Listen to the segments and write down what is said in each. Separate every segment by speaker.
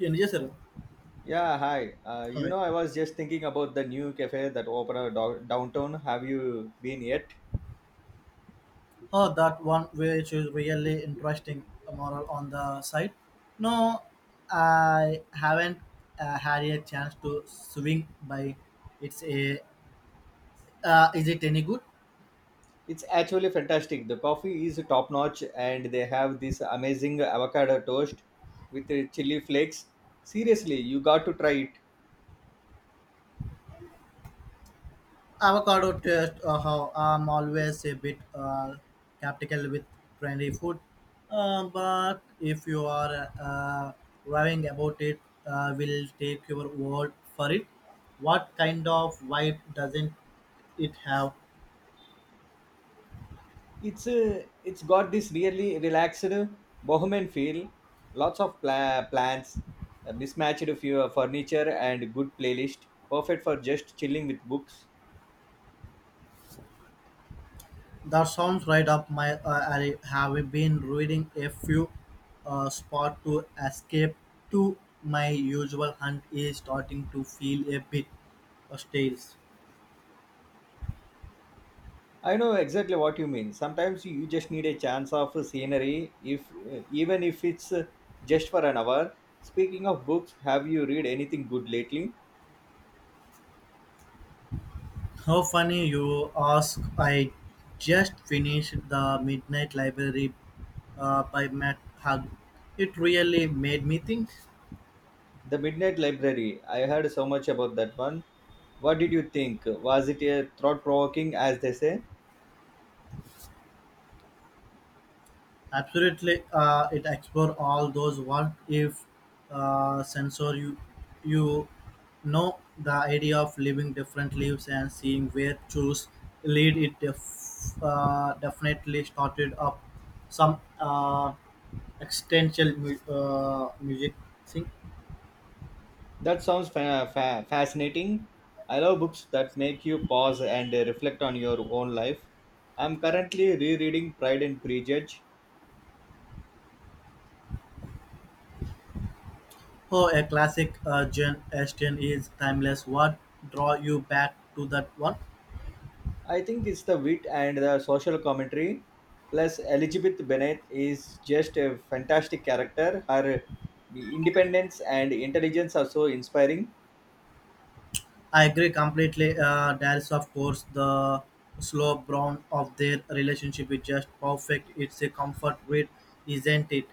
Speaker 1: And yes, sir.
Speaker 2: Yeah, hi.
Speaker 1: Hi.
Speaker 2: I was just thinking about the new cafe that opened downtown. Have you been yet?
Speaker 1: Oh, that one which is really interesting a model on the side. No, I haven't had a chance to swing by. It's a is it any good?
Speaker 2: It's actually fantastic. The coffee is top notch, and they have this amazing avocado toast with chili flakes. Seriously, you got to try it.
Speaker 1: Avocado toast. How I'm always a bit skeptical with trendy food, but if you are raving about it, will take your word for it. What kind of vibe doesn't it have?
Speaker 2: It's got this really relaxed bohemian feel. Lots of plants, mismatched few furniture, and good playlist. Perfect for just chilling with books.
Speaker 1: That sounds right up my alley. Have been reading a few spot to escape to? My usual hunt is starting to feel a bit stale.
Speaker 2: I know exactly what you mean. Sometimes you just need a chance of scenery, if even if it's just for an hour. Speaking of books, have you read anything good lately?
Speaker 1: How funny you ask! I just finished the Midnight Library by Matt Hug. It really made me think.
Speaker 2: The Midnight Library. I heard so much about that one. What did you think? Was it a thought-provoking, as they say?
Speaker 1: Absolutely, it explore all those what if sensor you know the idea of living different lives and seeing where choose lead it definitely started up some existential music thing.
Speaker 2: That sounds fascinating. I love books that make you pause and reflect on your own life. I'm currently rereading Pride and Prejudice.
Speaker 1: Oh, a classic Gen Ashton is timeless. What draw you back to that one?
Speaker 2: I think it's the wit and the social commentary. Plus, Elizabeth Bennet is just a fantastic character. Her independence and intelligence are so inspiring.
Speaker 1: I agree completely. There is, of course, the slow brown of their relationship is just perfect. It's a comfort read, isn't it?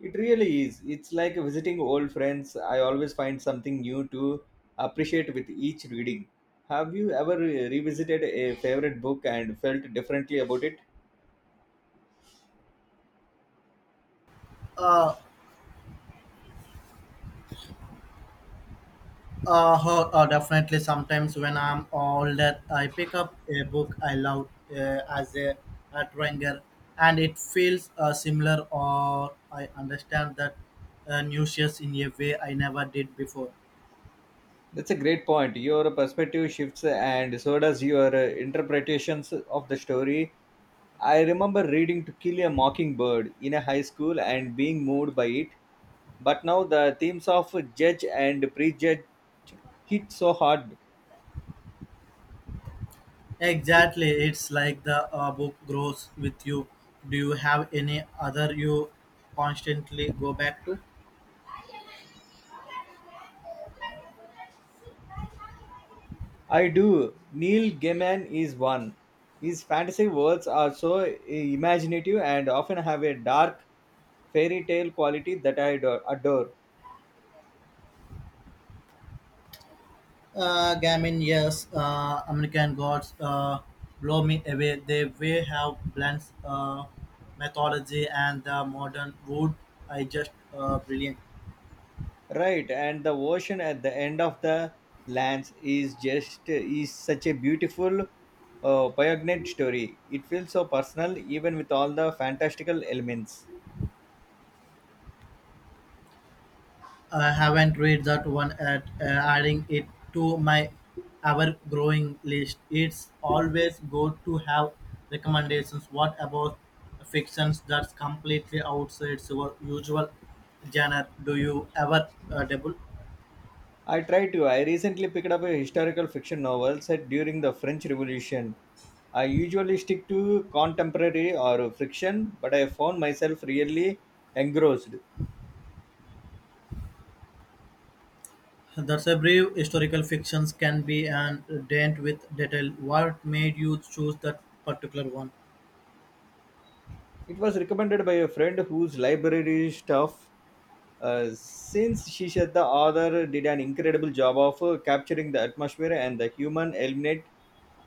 Speaker 2: It really is. It's like visiting old friends. I always find something new to appreciate with each reading. Have you ever revisited a favorite book and felt differently about it?
Speaker 1: Uh, Definitely. Sometimes when I'm older, I pick up a book I love as a tranger, and it feels similar, or I understand that nuisance in a way I never did before.
Speaker 2: That's a great point. Your perspective shifts, and so does your interpretations of the story. I remember reading To Kill a Mockingbird in a high school and being moved by it. But now the themes of judge and prejudge hit so hard.
Speaker 1: Exactly, it's like the book grows with you. Do you have any other you constantly go back to?
Speaker 2: I do. Neil Gaiman is one. His fantasy worlds are so imaginative and often have a dark fairy tale quality that I adore.
Speaker 1: Gamin, yes, American Gods blow me away. They way have blends mythology and the modern wood. I just brilliant.
Speaker 2: Right, and the ocean at the end of the lands is just is such a beautiful poignant story. It feels so personal, even with all the fantastical elements.
Speaker 1: I haven't read that one yet. Adding it to my ever-growing list. It's always good to have recommendations. What about fictions that's completely outside your usual genre? Do you ever dabble?
Speaker 2: I try to. I recently picked up a historical fiction novel set during the French Revolution. I usually stick to contemporary or fiction, but I found myself really engrossed.
Speaker 1: That's a brief historical fictions can be and dent with detail. What made you choose that particular one?
Speaker 2: It was recommended by a friend whose library staff, since she said the author did an incredible job of capturing the atmosphere and the human element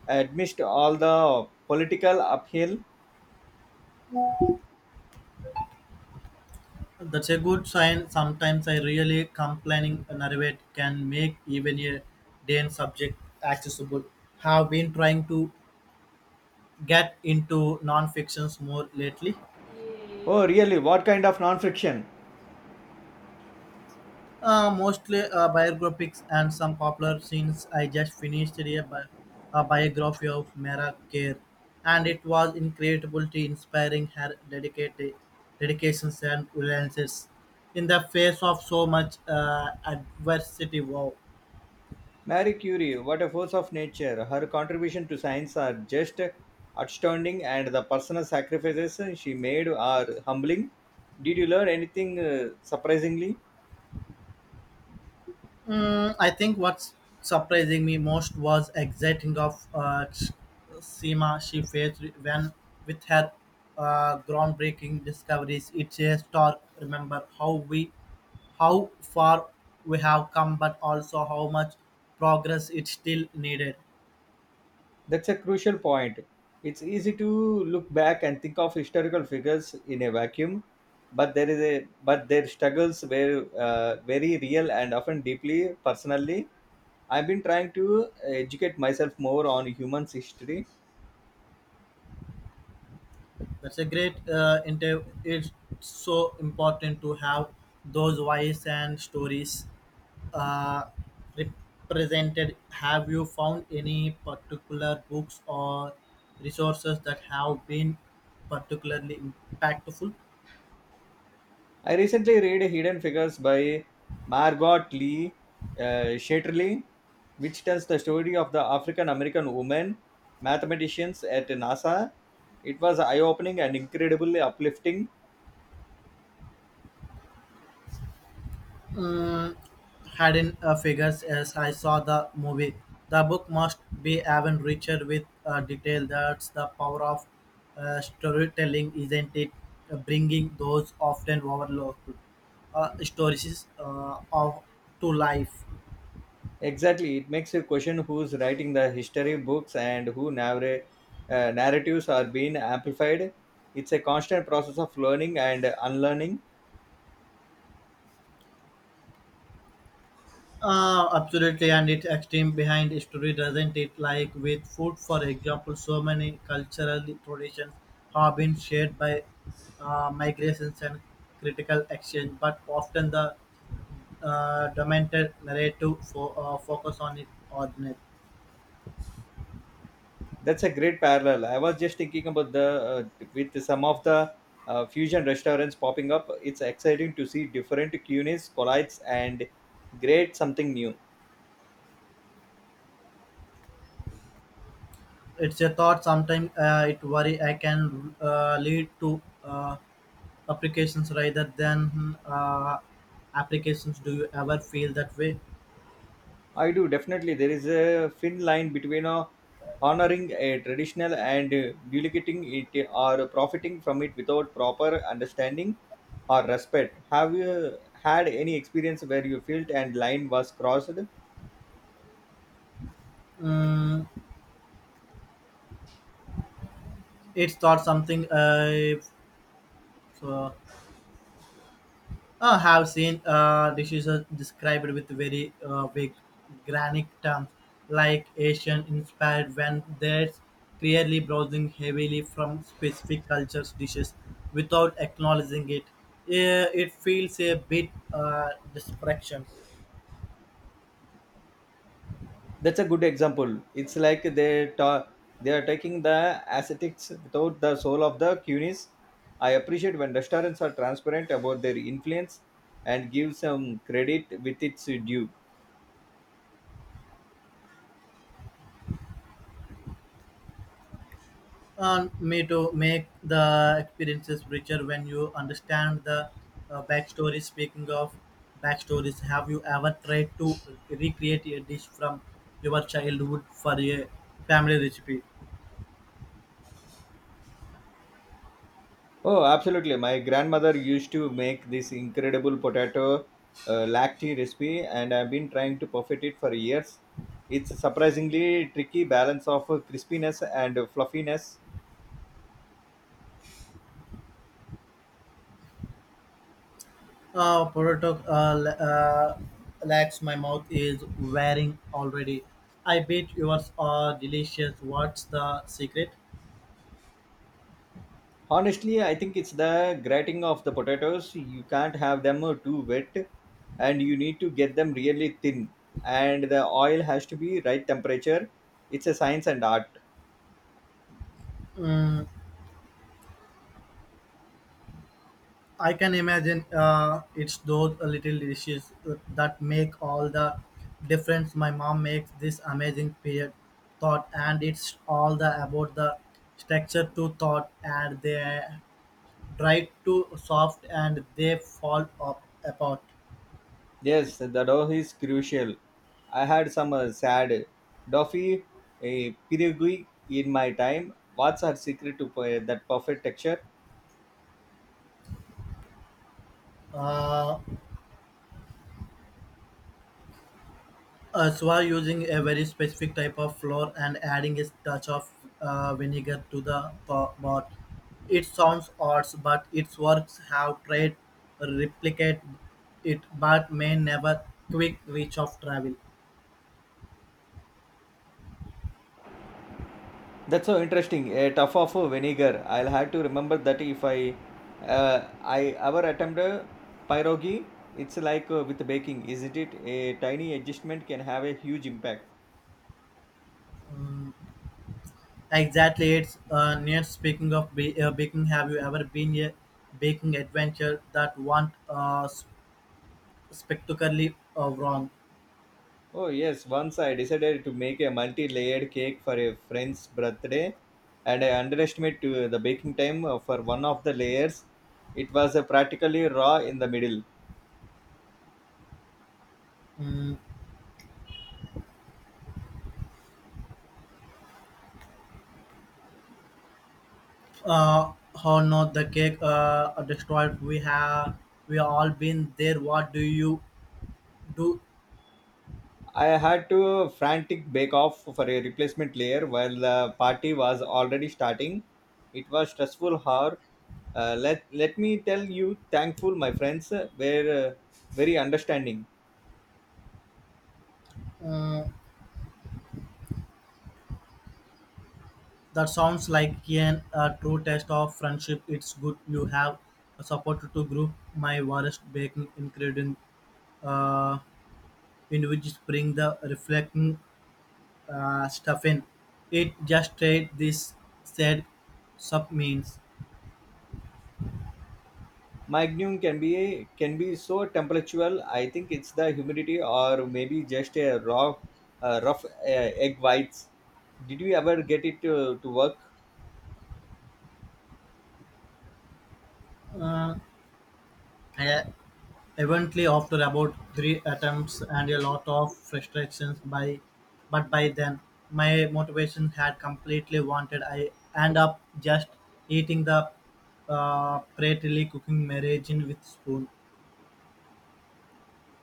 Speaker 2: amidst all the political uphill.
Speaker 1: That's a good sign. Sometimes I really complaining narrate can make even a Dane subject accessible. Have been trying to get into non-fictions more lately,
Speaker 2: Oh, really? What kind of non fiction?
Speaker 1: mostly biographies and some popular scenes. I just finished a biography of Mara Kerr, and it was incredible to inspiring. Her dedicated dedications and resilience in the face of so much adversity. Wow.
Speaker 2: Marie Curie, what a force of nature. Her contribution to science are just outstanding, and the personal sacrifices she made are humbling. Did you learn anything surprisingly?
Speaker 1: Mm, I think what's surprising me most was exciting of Seema she faced when with her groundbreaking discoveries. It's a stark remember how far we have come, but also how much progress it still needed.
Speaker 2: That's a crucial point. It's easy to look back and think of historical figures in a vacuum, but there is a but their struggles were very real and often deeply personally. I've been trying to educate myself more on human history.
Speaker 1: That's a great inter. It's so important to have those voice and stories uh, represented. Have you found any particular books or resources that have been particularly impactful?
Speaker 2: I recently read Hidden Figures by Margot Lee Shetterly, which tells the story of the African American woman mathematicians at NASA. It was eye-opening and incredibly uplifting.
Speaker 1: Mm, hadn't figures as I saw the movie. The book must be even richer with detail. That's the power of storytelling, isn't it? Bringing those often overlooked stories of to life.
Speaker 2: Exactly, it makes you question who's writing the history books and who narratives are being amplified. It's a constant process of learning and unlearning.
Speaker 1: Absolutely, and it's extreme behind history, doesn't it? Like with food, for example, so many cultural traditions have been shared by migrations and critical exchange, but often the dominant narrative focus on it or net.
Speaker 2: That's a great parallel. I was just thinking about the with some of the fusion restaurants popping up. It's exciting to see different cuisines collides and create something new.
Speaker 1: It's a thought. Sometimes it worry I can lead to applications rather than applications. Do you ever feel that way?
Speaker 2: I do definitely. There is a thin line between honoring a traditional and duplicating it or profiting from it without proper understanding or respect. Have you had any experience where you felt and line was crossed?
Speaker 1: Mm, it's thought something. So I have seen dishes are described with very vague granic terms like Asian inspired when there's clearly browsing heavily from specific cultures dishes without acknowledging it. Eh, it feels a bit distraction.
Speaker 2: That's a good example. It's like they are taking the ascetics without the soul of the cunis. I appreciate when restaurants are transparent about their influence and give some credit with its due.
Speaker 1: And may to make the experiences richer when you understand the backstory. Speaking of backstories, have you ever tried to recreate a dish from your childhood for a family recipe?
Speaker 2: Oh, absolutely. My grandmother used to make this incredible potato lacti recipe, and I've been trying to perfect it for years. It's a surprisingly tricky balance of crispiness and fluffiness.
Speaker 1: Uh, potato uh, l- uh, Legs, my mouth is wearing already. I bet yours are delicious. What's the secret?
Speaker 2: Honestly, I think it's the grating of the potatoes. You can't have them too wet, and you need to get them really thin. And the oil has to be right temperature. It's a science and art.
Speaker 1: Mm, I can imagine it's those little dishes that make all the difference. My mom makes this amazing period thought, and it's all the about the structure to thought, and they dry to soft, and they fall up apart.
Speaker 2: Yes, the dough is crucial. I had some sad Duffy a Pirigui in my time. What's her secret to that perfect texture?
Speaker 1: Uh, so using a very specific type of flour and adding a touch of vinegar to the pot. It sounds odd, but its works have tried replicate it, but may never quick reach of travel.
Speaker 2: That's so interesting. A tough of vinegar. I'll have to remember that if I I ever attempt a pierogi, it's like with baking, isn't it? A tiny adjustment can have a huge impact.
Speaker 1: Exactly, it's near. Speaking of baking, have you ever been a baking adventure that went spectacularly wrong?
Speaker 2: Oh, yes. Once I decided to make a multi layered cake for a friend's birthday, and I underestimated the baking time for one of the layers. It was practically raw in the middle.
Speaker 1: Hmm. uh how not the cake destroyed, we have we all been there, what do you do?
Speaker 2: I had to frantic bake off for a replacement layer while the party was already starting. It was stressful hour. Let me tell you, thankful my friends were very understanding.
Speaker 1: uh, that sounds like an a true test of friendship. It's good you have a support to group. My worst baking ingredient uh in which spring the reflecting stuff in it just trade this said sub means.
Speaker 2: Magnum can be so temperatural. I think it's the humidity or maybe just a raw, rough egg whites. Did you ever get it to work?
Speaker 1: uh, yeah. Eventually, after about 3 attempts and a lot of frustrations, by but by then my motivation had completely wanted. I end up just eating the prettily cooking margarine with spoon.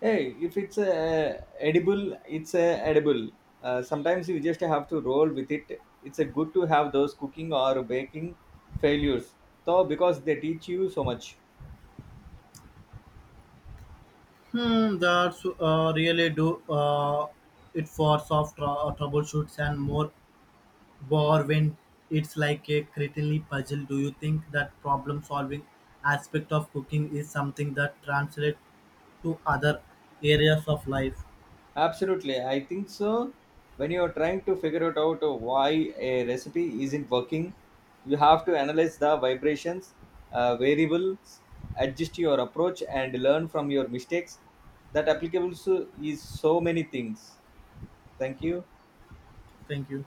Speaker 2: Hey, if it's edible, it's edible. Sometimes you just have to roll with it. It's a good to have those cooking or baking failures, though, because they teach you so much.
Speaker 1: Hmm, that's really do it for soft troubleshoots and more war when it's like a critically puzzle. Do you think that problem solving aspect of cooking is something that translates to other areas of life?
Speaker 2: Absolutely, I think so. When you're trying to figure it out why a recipe isn't working, you have to analyze the variables, adjust your approach, and learn from your mistakes. That applicable to is so many things. Thank you.
Speaker 1: Thank you.